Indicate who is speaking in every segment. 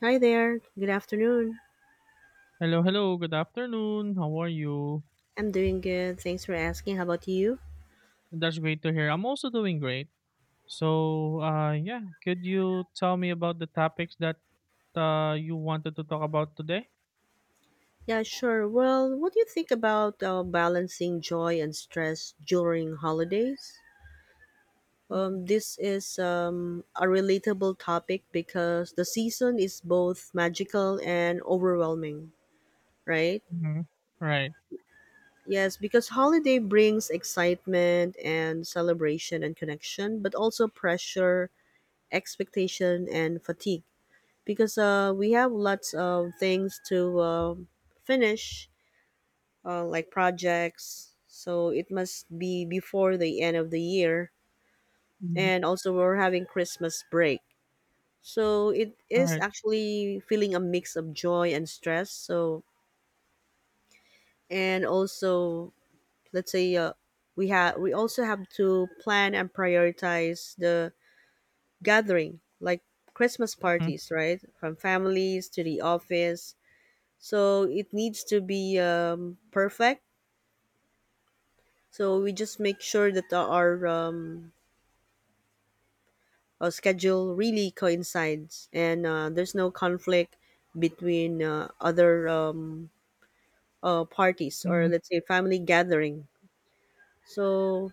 Speaker 1: Hi there. Good afternoon.
Speaker 2: Hello, hello. Good afternoon. How are you?
Speaker 1: I'm doing good. Thanks for asking. How about you?
Speaker 2: That's great to hear. I'm also doing great. So, yeah, could you tell me about the topics that you wanted to talk about today?
Speaker 1: Yeah, sure. Well, what do you think about balancing joy and stress during holidays? This is a relatable topic because the season is both magical and overwhelming, right?
Speaker 2: Mm-hmm. Right.
Speaker 1: Yes, because holiday brings excitement and celebration and connection, but also pressure, expectation, and fatigue because we have lots of things to finish, like projects. So it must be before the end of the year.
Speaker 2: Mm-hmm.
Speaker 1: And also, we're having Christmas break. So it is
Speaker 2: Right.
Speaker 1: actually feeling a mix of joy and stress. And also, let's say we also have to plan and prioritize the gathering, like Christmas
Speaker 2: Mm-hmm.
Speaker 1: parties, right? From families to the office, so it needs to be perfect, so we just make sure that our schedule really coincides and there's no conflict between other parties, or
Speaker 2: hmm
Speaker 1: let's say family gathering. So,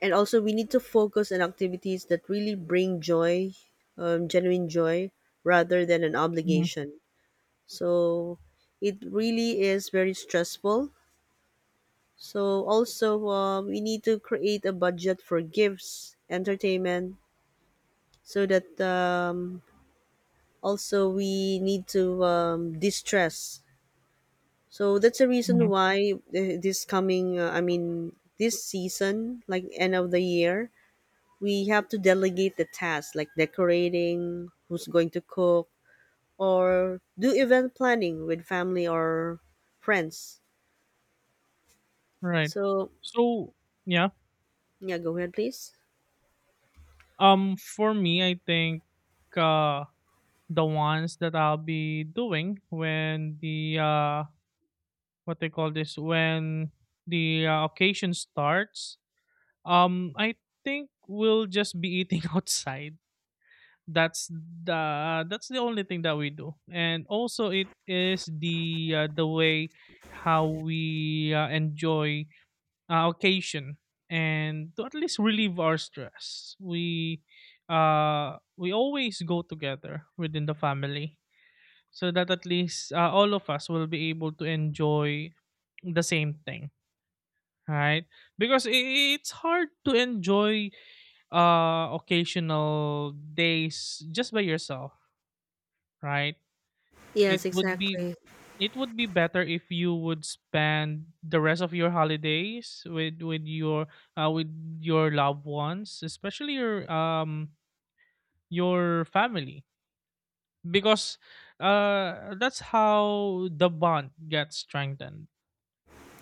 Speaker 1: and also, we need to focus on activities that really bring joy, genuine joy, rather than an obligation. So it really is very stressful. So also, we need to create a budget for gifts, entertainment, so that also we need to distress. So that's the reason
Speaker 2: hmm
Speaker 1: why this coming, I mean, this season, like end of the year, we have to delegate the tasks like decorating, who's going to cook, or do event planning with family or friends.
Speaker 2: Right.
Speaker 1: So,
Speaker 2: So, yeah.
Speaker 1: yeah, go ahead, please.
Speaker 2: For me, I think uh, the ones that I'll be doing when the what they call this when the occasion starts. I think we'll just be eating outside. That's the only thing that we do, and also it is the way how we enjoy occasion and to at least relieve our stress. We always go together within the family, so that at least all of us will be able to enjoy the same thing, right? Because it's hard to enjoy occasional days just by yourself, right?
Speaker 1: Yes,
Speaker 2: it would be
Speaker 1: exactly.
Speaker 2: it would be better if you would spend the rest of your holidays with with your loved ones, especially your family, because that's how the bond gets strengthened,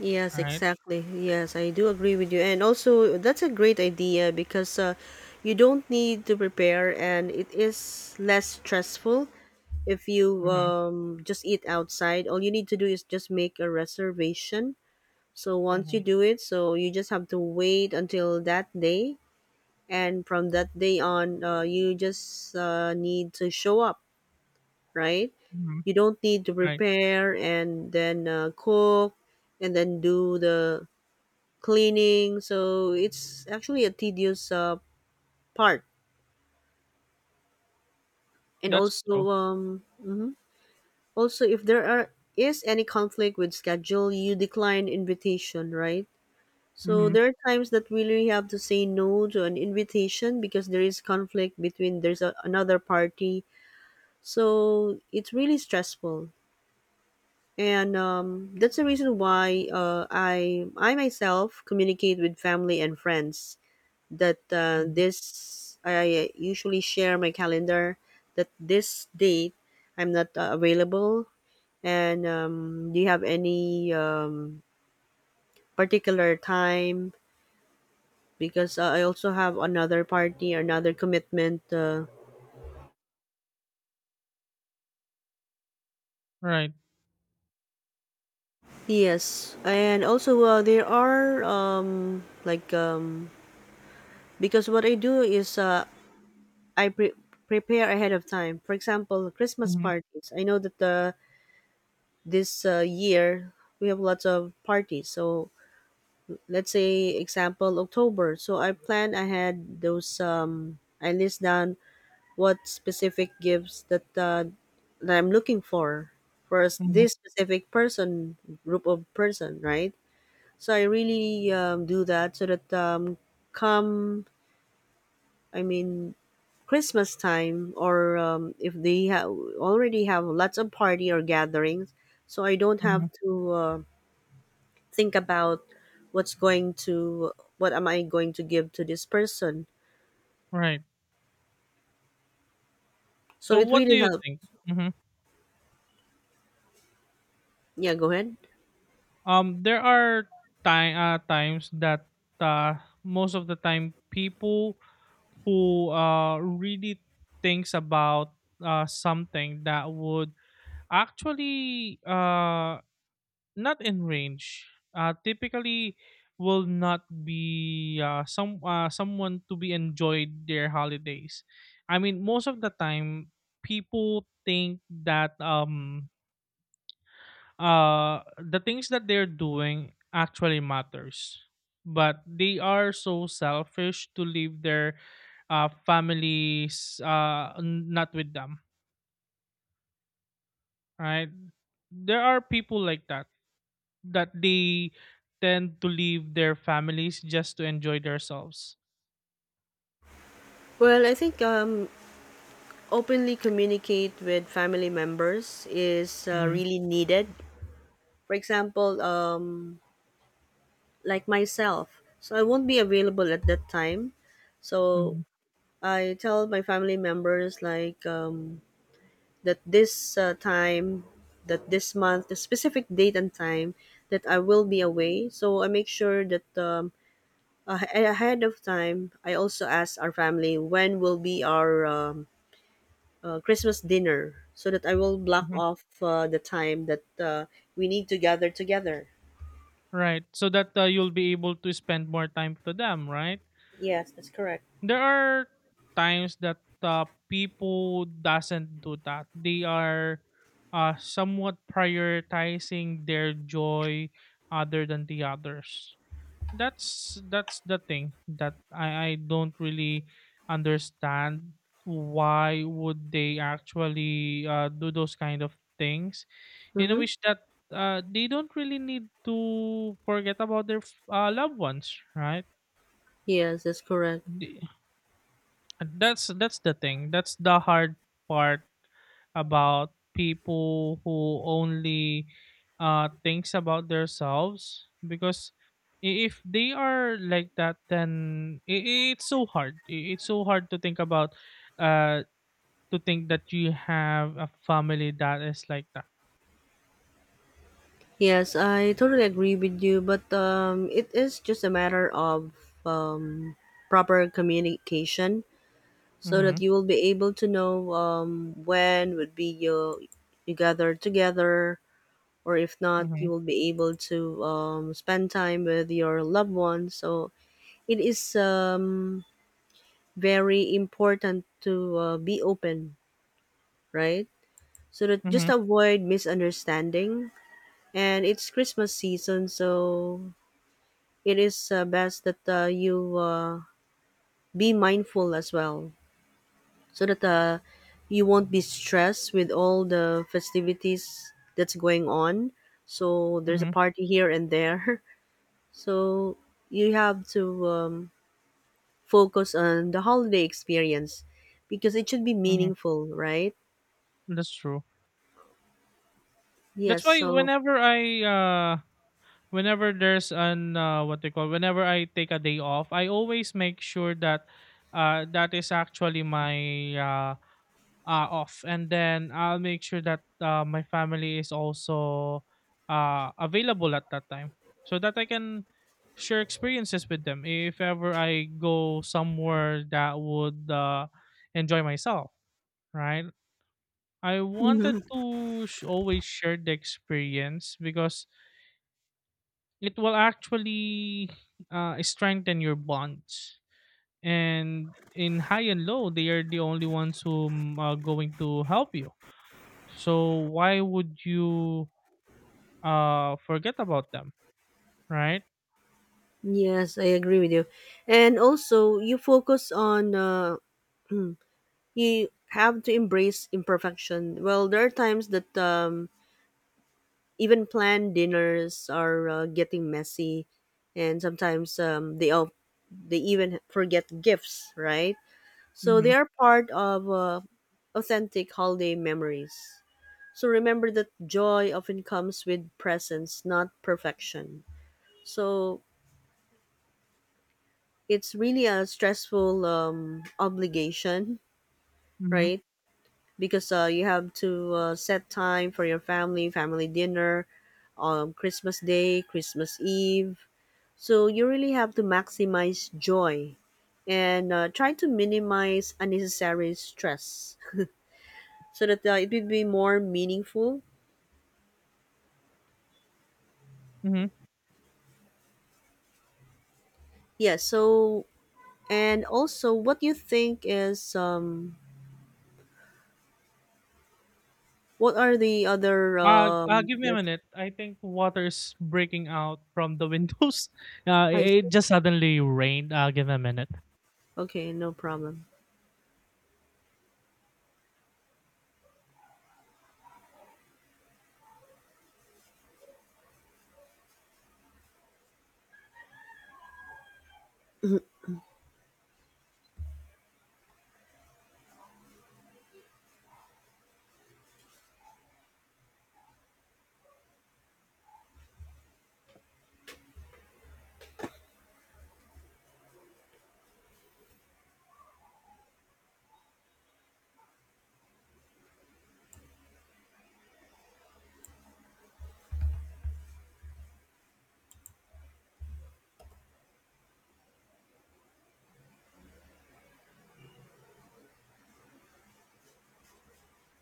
Speaker 1: Yes,
Speaker 2: right.
Speaker 1: exactly. Yes, I do agree with you. And also, that's a great idea because you don't need to prepare and it is less stressful if you
Speaker 2: Mm-hmm.
Speaker 1: just eat outside. All you need to do is just make a reservation. So once you
Speaker 2: Mm-hmm.
Speaker 1: do it, so you just have to wait until that day. And from that day on, you just need to show up, right?
Speaker 2: Mm-hmm.
Speaker 1: You don't need to
Speaker 2: Right.
Speaker 1: prepare and then cook and then do the cleaning. So it's actually a tedious part. And
Speaker 2: That's
Speaker 1: also,
Speaker 2: true.
Speaker 1: mhm. Also, if there are is any conflict with schedule, you decline invitation, right? So
Speaker 2: Mm-hmm.
Speaker 1: there are times that we really have to say no to an invitation because there is conflict between there's another party. So it's really stressful. And that's the reason why I myself communicate with family and friends that
Speaker 2: Mm-hmm.
Speaker 1: this I usually share my calendar that this date I'm not available. And do you have any particular time? Because I also have another party, another commitment.
Speaker 2: Right.
Speaker 1: Yes, and also there are because what I do is I prepare ahead of time. For example, Christmas
Speaker 2: Mm-hmm.
Speaker 1: parties. I know that the this year we have lots of parties, so let's say example October, so I plan ahead those. I list down what specific gifts that that I'm looking for
Speaker 2: Mm-hmm.
Speaker 1: this specific person, group of person, right? So I really do that so that come I mean Christmas time, or if they already have lots of party or gatherings, so I don't
Speaker 2: Mm-hmm.
Speaker 1: have to think about what's going to what am I going to give to this person.
Speaker 2: Right.
Speaker 1: So
Speaker 2: So
Speaker 1: it
Speaker 2: what do
Speaker 1: really
Speaker 2: you
Speaker 1: helped.
Speaker 2: think? Mhm.
Speaker 1: Yeah, go ahead.
Speaker 2: There are times that most of the time, people who really thinks about something that would actually not in range, typically will not be someone to be enjoyed their holidays. I mean, most of the time, people think that the things that they're doing actually matters, but they are so selfish to leave their families, not with them, right? There are people like that, that they tend to leave their families just to enjoy themselves.
Speaker 1: Well, I think openly communicate with family members is
Speaker 2: Hmm.
Speaker 1: really needed. For example, like myself, so I won't be available at that time. So
Speaker 2: Hmm.
Speaker 1: I tell my family members like that this time, that this month, the specific date and time that I will be away. So I make sure that ahead of time, I also ask our family when will be our Christmas dinner, so that I will block off the time that we need to gather together.
Speaker 2: Right, so that you'll be able to spend more time to them, right.
Speaker 1: Yes, that's correct.
Speaker 2: There are times that people doesn't do that. They are somewhat prioritizing their joy other than the others. That's the thing that I don't really understand why would they actually do those kind of things, in a
Speaker 1: Mm-hmm.
Speaker 2: wish that they don't really need to forget about their loved ones, right?
Speaker 1: Yes, that's correct.
Speaker 2: And that's the thing. That's the hard part about people who only thinks about themselves, because if they are like that, then it's so hard. It's so hard to think about uh to think that you have a family that is like that.
Speaker 1: Yes, I totally agree with you, but it is just a matter of um, proper communication, so that
Speaker 2: Mhm.
Speaker 1: you will be able to know when would be you gather together, or if not, you
Speaker 2: Mhm.
Speaker 1: will be able to spend time with your loved ones. So it is very important to be open, right? So that just
Speaker 2: Mhm.
Speaker 1: avoid misunderstanding. And it's Christmas season, so it is best that you be mindful as well so that you won't be stressed with all the festivities that's going on. So there's a
Speaker 2: Mhm.
Speaker 1: party here and there. So you have to focus on the holiday experience because it should be
Speaker 2: Mhm.
Speaker 1: meaningful, right?
Speaker 2: That's true. That's
Speaker 1: Yes.
Speaker 2: why
Speaker 1: So.
Speaker 2: whenever I uh whenever there's an what they call whenever I take a day off, I always make sure that that is actually my uh, off, and then I'll make sure that my family is also available at that time, so that I can share experiences with them if ever I go somewhere that would enjoy myself, right? I wanted
Speaker 1: Mhm.
Speaker 2: to always share the experience, because it will actually strengthen your bonds. And in high and low, they are the only ones who are going to help you. So why would you forget about them, right?
Speaker 1: Yes, I agree with you. And also, you focus on you have to embrace imperfection. Well, there are times that even planned dinners are getting messy, and sometimes they even forget gifts, right? So they
Speaker 2: Mm-hmm.
Speaker 1: are part of authentic holiday memories. So remember that joy often comes with presence, not perfection. So it's really a stressful obligation,
Speaker 2: Mm-hmm.
Speaker 1: right? Because you have to set time for your family, family dinner, Christmas Day, Christmas Eve. So you really have to maximize joy and try to minimize unnecessary stress, so that it would be more meaningful.
Speaker 2: Mm-hmm.
Speaker 1: Yeah, so, and also what you think is what are the other
Speaker 2: Give me a
Speaker 1: let's
Speaker 2: minute. I think water is breaking out from the windows.
Speaker 1: I see.
Speaker 2: It just suddenly rained. Give me a minute.
Speaker 1: Okay, no problem.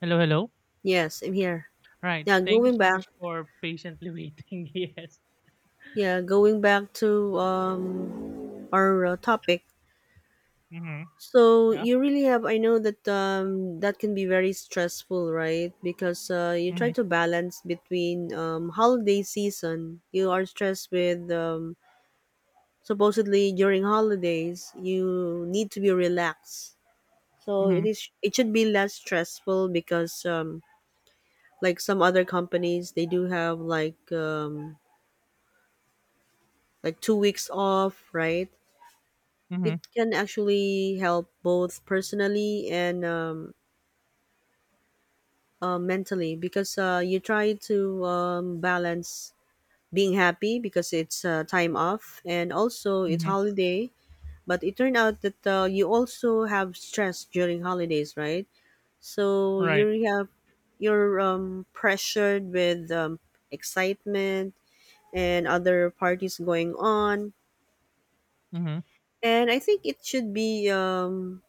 Speaker 2: Hello, hello.
Speaker 1: Yes, I'm here.
Speaker 2: Right.
Speaker 1: Yeah,
Speaker 2: Thank you
Speaker 1: going
Speaker 2: so
Speaker 1: back.
Speaker 2: much for patiently waiting. Yes.
Speaker 1: Yeah, going back to our topic.
Speaker 2: Mm-hmm.
Speaker 1: So
Speaker 2: Yeah.
Speaker 1: you really have. I know that that can be very stressful, right? Because you try
Speaker 2: Mm-hmm.
Speaker 1: to balance between holiday season. You are stressed with supposedly during holidays. You need to be relaxed. So
Speaker 2: Mm-hmm.
Speaker 1: it is. It should be less stressful because, like some other companies, they do have like 2 weeks off, right?
Speaker 2: Mm-hmm.
Speaker 1: It can actually help both personally and, mentally, because you try to balance being happy because it's time off and also it's
Speaker 2: Mhm.
Speaker 1: holiday. But it turned out that you also have stress during holidays, right? So
Speaker 2: Right.
Speaker 1: you're pressured with excitement and other parties going on.
Speaker 2: Mhm.
Speaker 1: And I think it should be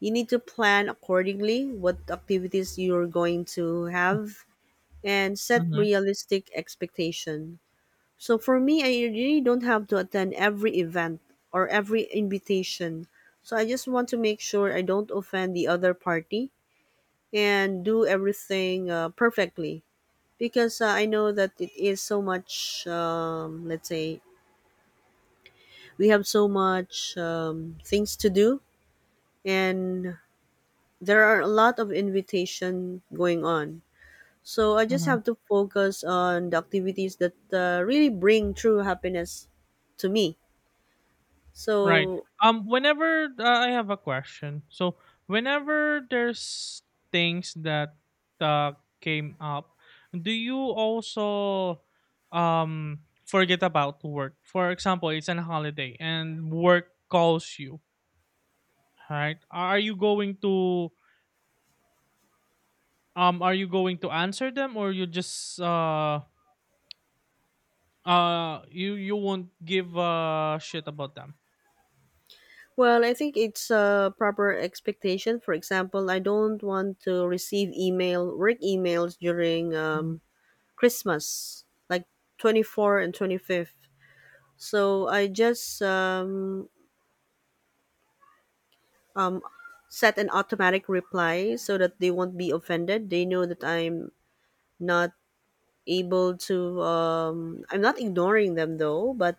Speaker 1: you need to plan accordingly what activities you're going to have and set
Speaker 2: Mhm.
Speaker 1: realistic expectation. So for me, I really don't have to attend every event or every invitation. So I just want to make sure I don't offend the other party and do everything perfectly because I know that it is so much. Let's say we have so much things to do, and there are a lot of invitation going on. So I just
Speaker 2: Mhm.
Speaker 1: have to focus on the activities that really bring true happiness to me.
Speaker 2: Right.
Speaker 1: So,
Speaker 2: Whenever I have a question. So whenever there's things that uh, came up, do you also forget about work? For example, it's an holiday and work calls you, right? Are you going to are you going to answer them, or you just you won't give a shit about them?
Speaker 1: well, I think it's a proper expectation. For example, I don't want to receive email, work emails during
Speaker 2: Mhm.
Speaker 1: Christmas, like 24th and 25th. So I just um, set an automatic reply so that they won't be offended. They know that I'm not able to I'm not ignoring them though, but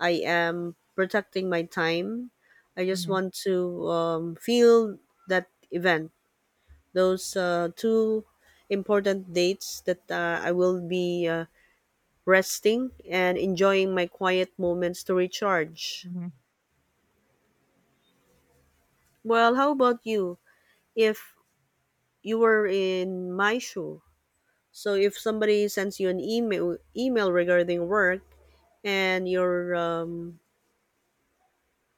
Speaker 1: I am protecting my time. I just
Speaker 2: Mhm.
Speaker 1: want to feel that event. Those two important dates that I will be resting and enjoying my quiet moments to recharge.
Speaker 2: Mhm.
Speaker 1: Well, how about you? If you were in my shoe, so if somebody sends you an email regarding work, and you're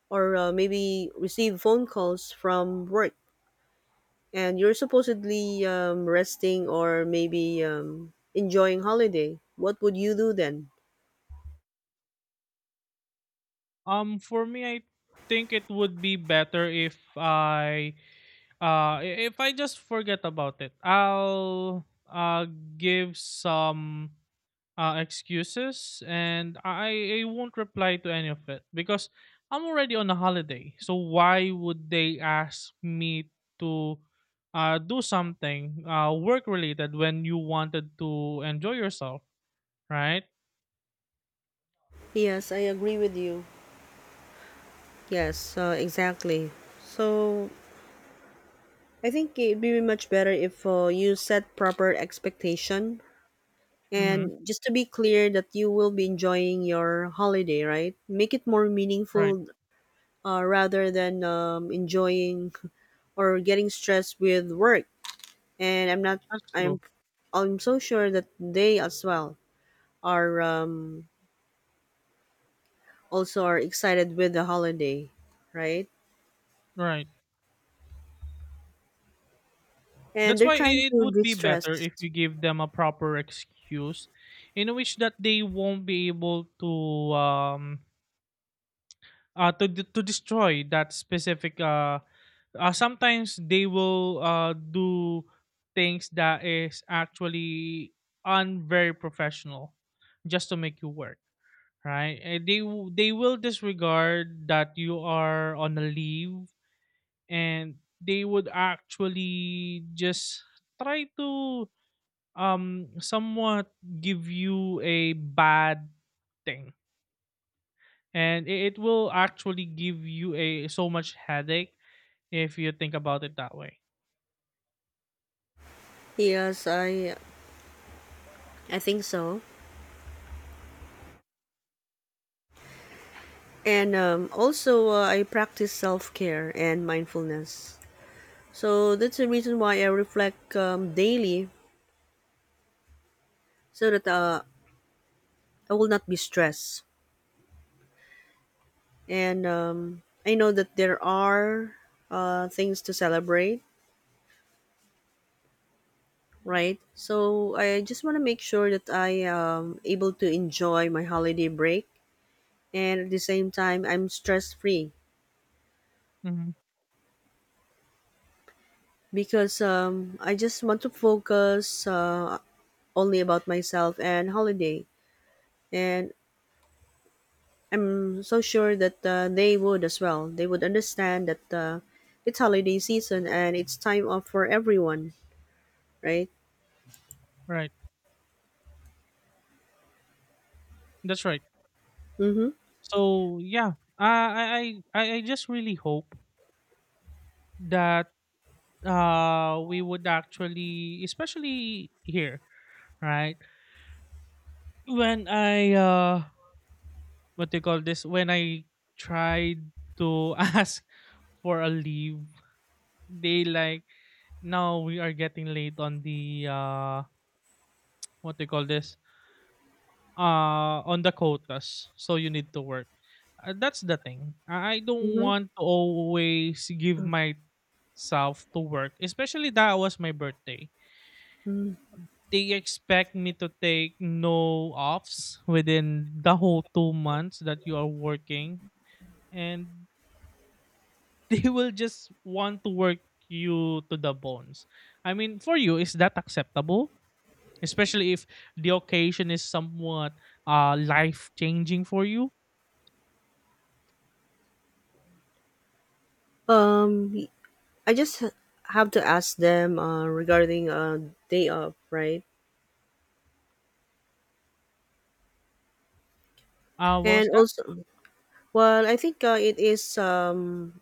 Speaker 1: or maybe receive phone calls from work, and you're supposedly resting or maybe enjoying holiday, what would you do then?
Speaker 2: For me, I think it would be better if if I just forget about it. I'll uh give some excuses, and I won't reply to any of it because I'm already on a holiday. So why would they ask me to do something work related when you wanted to enjoy yourself, right?
Speaker 1: Yes, I agree with you. Yes, exactly. So I think it'd be much better if you set proper expectation
Speaker 2: Mhm.
Speaker 1: and just to be clear that you will be enjoying your holiday, right? Make it more
Speaker 2: Right.
Speaker 1: meaningful, rather than enjoying or getting stressed with work. And I'm not
Speaker 2: That's true.
Speaker 1: I'm I'm so sure that they as well are also are excited with the holiday, right?
Speaker 2: Right.
Speaker 1: And
Speaker 2: That's
Speaker 1: they're
Speaker 2: why
Speaker 1: trying
Speaker 2: it
Speaker 1: to
Speaker 2: would be
Speaker 1: distress.
Speaker 2: better if you give them a proper excuse in which that they won't be able um to to destroy that specific sometimes they will do things that is actually unvery professional, just to make you work, right, and they they will disregard that you are on a leave, and they would actually just try to somewhat give you a bad thing, and it will actually give you a so much headache if you think about it that way.
Speaker 1: Yes, I think so. And also I practice self care and mindfulness. So that's the reason why I reflect daily so that I will not be stressed. And I know that there are things to celebrate, right? So I just want to make sure that I am able to enjoy my holiday break and at the same time I'm stress free,
Speaker 2: Hmm.
Speaker 1: because I just want to focus only about myself and holiday. And I'm so sure that they would as well. They would understand that it's holiday season and it's time off for everyone, right?
Speaker 2: Right. That's right.
Speaker 1: Mm-hmm.
Speaker 2: So yeah, uh, i i I just really hope that we would actually, especially here, right, when I what do you call this, when I tried to ask for a leave, they like, now we are getting late on the what do you call this, on the quotas, so you need to work. That's the thing, I don't
Speaker 1: Mm-hmm.
Speaker 2: want to always give myself to work, especially that was my birthday.
Speaker 1: Mm-hmm.
Speaker 2: They expect me to take no offs within the whole 2 months that you are working, and they will just want to work you to the bones. I mean, for you, is that acceptable, especially if the occasion is somewhat life changing for you.
Speaker 1: Um, I just have to ask them regarding day off, right?
Speaker 2: What
Speaker 1: And
Speaker 2: was that?
Speaker 1: also, well, I think it is.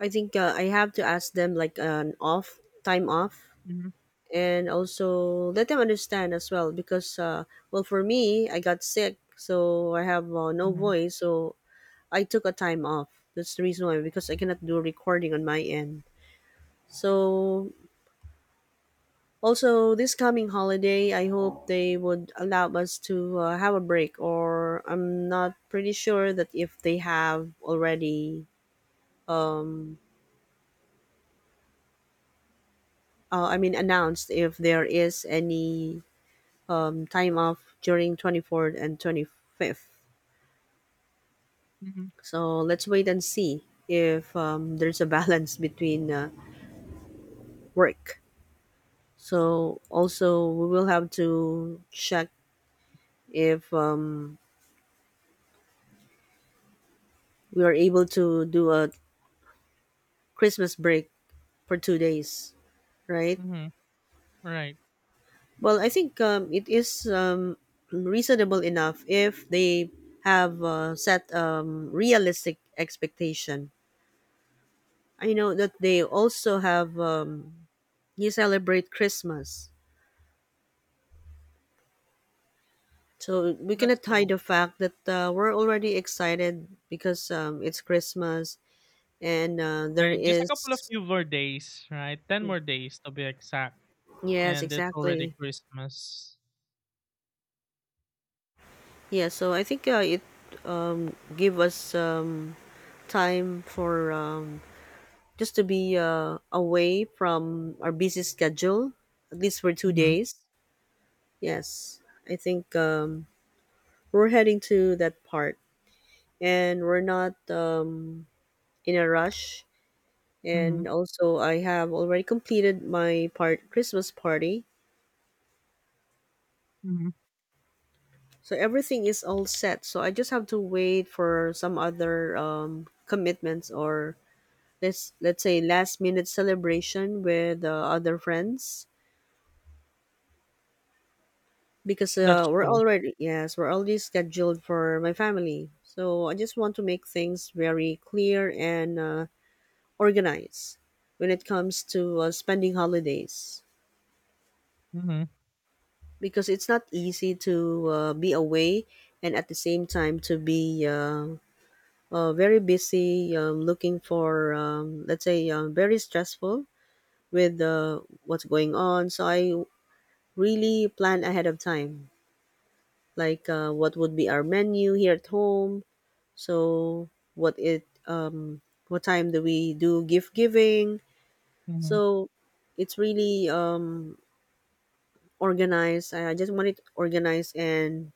Speaker 1: I think I have to ask them like an off time off,
Speaker 2: Hmm.
Speaker 1: and also let them understand as well because for me, I got sick, so I have no
Speaker 2: Hmm.
Speaker 1: voice, so I took a time off. That's the reason why because I cannot do recording on my end. So also, this coming holiday, I hope they would allow us to have a break, or I'm not pretty sure that if they have already, um, I mean, announced if there is any time off during 24th and 25th.
Speaker 2: Hmm.
Speaker 1: So let's wait and see if there's a balance between work. So also, we will have to check if we are able to do a Christmas break for 2 days, right?
Speaker 2: Hmm. Right.
Speaker 1: Well, I think it is reasonable enough if they have set realistic expectation. I know that they also have you celebrate Christmas, so we
Speaker 2: That's
Speaker 1: cannot hide
Speaker 2: true.
Speaker 1: the fact that we're already excited because it's Christmas and there
Speaker 2: Right. Just a couple of
Speaker 1: is
Speaker 2: few more days, right? 10 more days to be exact.
Speaker 1: yes,
Speaker 2: And it's already
Speaker 1: exactly.
Speaker 2: Christmas.
Speaker 1: Yeah, so I think it give us time for just to be away from our busy schedule, at least for two
Speaker 2: Mhm,
Speaker 1: days. Yes, I think we're heading to that part, and we're not in a rush.
Speaker 2: mhm,
Speaker 1: And also, I have already completed my part Christmas party,
Speaker 2: mhm.
Speaker 1: so everything is all set. So I just have to wait for some other commitments or let's say last minute celebration with other friends because
Speaker 2: That's
Speaker 1: we're
Speaker 2: true.
Speaker 1: already yes we're already scheduled for my family so I just want to make things very clear and organized when it comes to spending holidays
Speaker 2: Mhm,
Speaker 1: because it's not easy to be away and at the same time to be very busy looking for let's say very stressful with what's going on so I really plan ahead of time like what would be our menu here at home so what it what time do we do gift giving
Speaker 2: mhm.
Speaker 1: so it's really organized I just want it organized and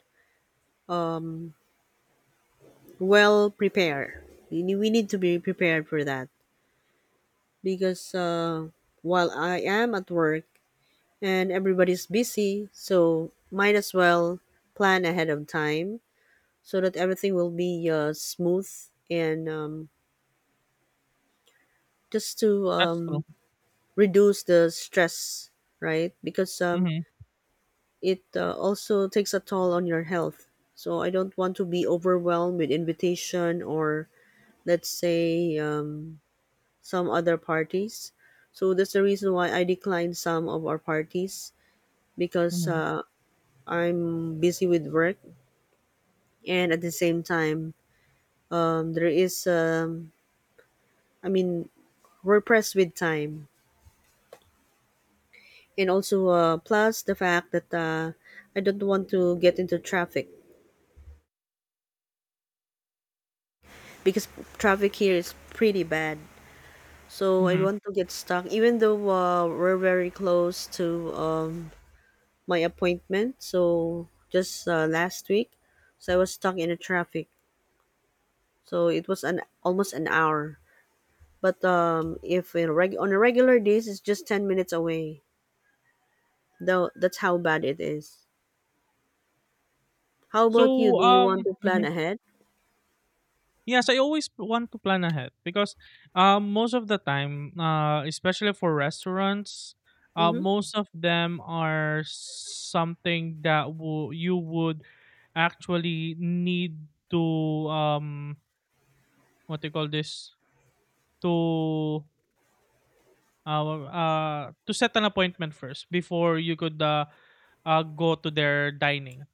Speaker 1: well prepared we need to be prepared for that because while I am at work and everybody's busy so might as well plan ahead of time so that everything will be smooth and just to
Speaker 2: That's true.
Speaker 1: reduce the stress, right? Because
Speaker 2: Mhm,
Speaker 1: it also takes a toll on your health. So I don't want to be overwhelmed with invitation or let's say some other parties. So that's the reason why I declined some of our parties because
Speaker 2: mhm,
Speaker 1: I'm busy with work and at the same time there is I mean we're pressed with time and also plus the fact that I don't want to get into traffic because traffic here is pretty bad. So I don't
Speaker 2: mhm.
Speaker 1: want to get stuck, even though we're very close to my appointment. So just last week, so I was stuck in the traffic. So it was an almost an hour. But if in on a regular days, it's just 10 minutes away. Though that's how bad it is. How about you?
Speaker 2: So,
Speaker 1: Do you want to plan
Speaker 2: mhm.
Speaker 1: ahead?
Speaker 2: Yes, I always want to plan ahead because, most of the time, especially for restaurants,
Speaker 1: Mm-hmm.
Speaker 2: most of them are something that wo you would actually need to, um, what do you call this? To well, to set an appointment first before you could go to their dining,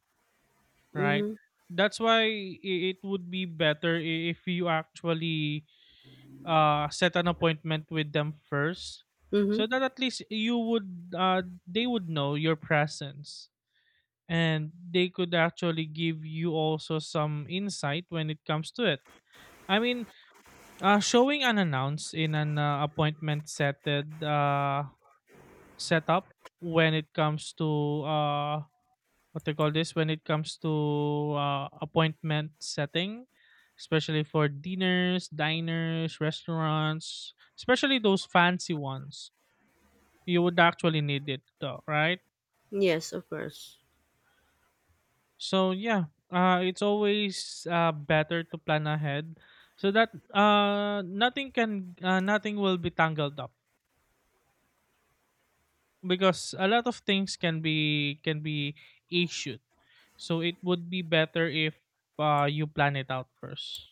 Speaker 2: right?
Speaker 1: Mm-hmm.
Speaker 2: That's why it would be better if you actually set an appointment with them first,
Speaker 1: Mm-hmm.
Speaker 2: so that at least you would they would know your presence, and they could actually give you also some insight when it comes to it. I mean, showing unannounced in an appointment setted setup when it comes to uh what they call this, when it comes to appointment setting, especially for dinners diners restaurants, especially those fancy ones, you would actually need it though, right?
Speaker 1: Yes, of course.
Speaker 2: So yeah, it's always better to plan ahead so that nothing can nothing will be tangled up, because a lot of things can be issued. So it would be better if you plan it out 1st.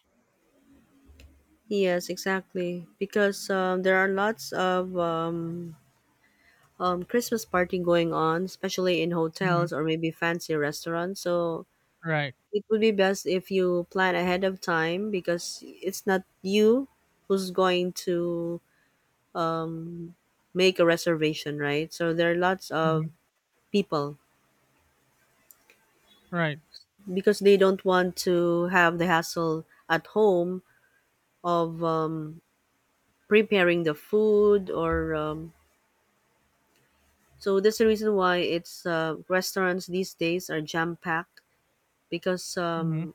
Speaker 1: Yes, exactly. Because there are lots of Christmas party going on, especially in
Speaker 2: Mm-hmm.
Speaker 1: hotels or maybe fancy restaurants. So
Speaker 2: Right.
Speaker 1: it would be best if you plan ahead of time because it's not you who's going to make a reservation, right? So there are lots of
Speaker 2: Mm-hmm.
Speaker 1: people
Speaker 2: Right.
Speaker 1: because they don't want to have the hassle at home of preparing the food or so that's the reason why it's restaurants these days are jam packed because
Speaker 2: Mm-hmm.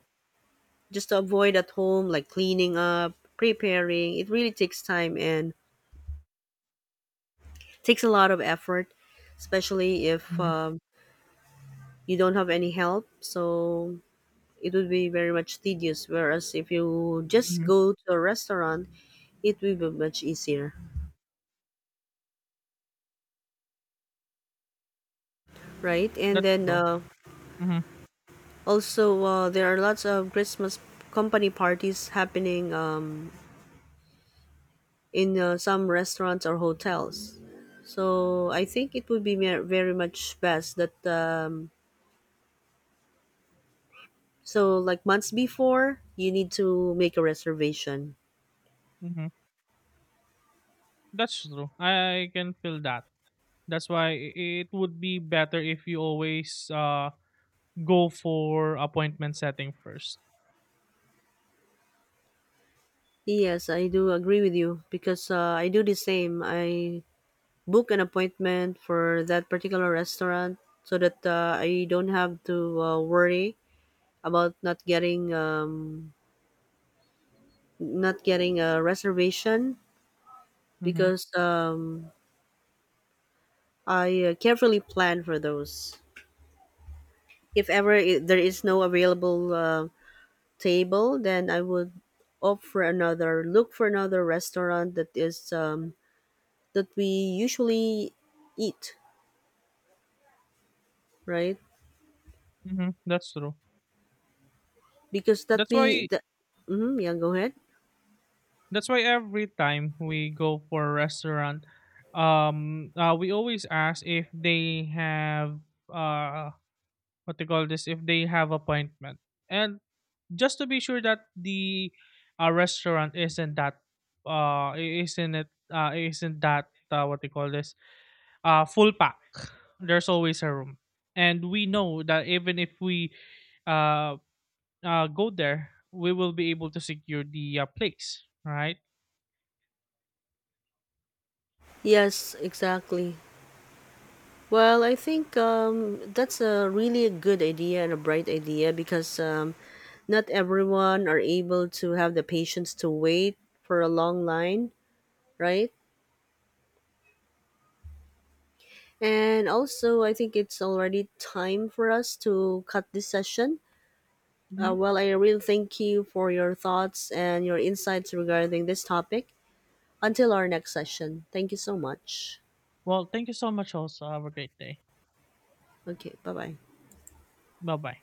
Speaker 1: just to avoid at home like cleaning up preparing it really takes time and takes a lot of effort especially if
Speaker 2: Mm-hmm.
Speaker 1: you don't have any help so it would be very much tedious whereas if you just
Speaker 2: Mm-hmm.
Speaker 1: go to a restaurant it will be much easier right and
Speaker 2: That's
Speaker 1: then
Speaker 2: true. Mm-hmm.
Speaker 1: also there are lots of christmas company parties happening in some restaurants or hotels so I think it would be very much best that so, like months before, you need to make a reservation.
Speaker 2: Mm-hmm. That's true. I can feel that. That's why it would be better if you always go for appointment setting 1st.
Speaker 1: Yes, I do agree with you because I do the same. I book an appointment for that particular restaurant so that I don't have to worry about not getting not getting a reservation
Speaker 2: Mm-hmm.
Speaker 1: because I carefully plan for those. If ever I there is no available table, then I would opt for another, look for another restaurant that is that we usually eat, right?
Speaker 2: Mm-hmm. That's true.
Speaker 1: Because that
Speaker 2: that's
Speaker 1: be
Speaker 2: why
Speaker 1: that. Mm-hmm, yeah, go ahead.
Speaker 2: That's why every time we go for a restaurant, we always ask if they have uh, what they call this, if they have appointment, and just to be sure that the restaurant isn't that isn't it isn't that what they call this full pack. There's always a room, and we know that even if we uh go there, we will be able to secure the place, right?
Speaker 1: Yes, exactly. Well, I think that's a really a good idea and a bright idea because not everyone are able to have the patience to wait for a long line, right? And also, I think it's already time for us to cut this session.
Speaker 2: Mm-hmm.
Speaker 1: Well, I really thank you for your thoughts and your insights regarding this topic. Until our next session, thank you so much.
Speaker 2: Well, thank you so much, also. Have a great day.
Speaker 1: Okay, bye bye.
Speaker 2: Bye bye.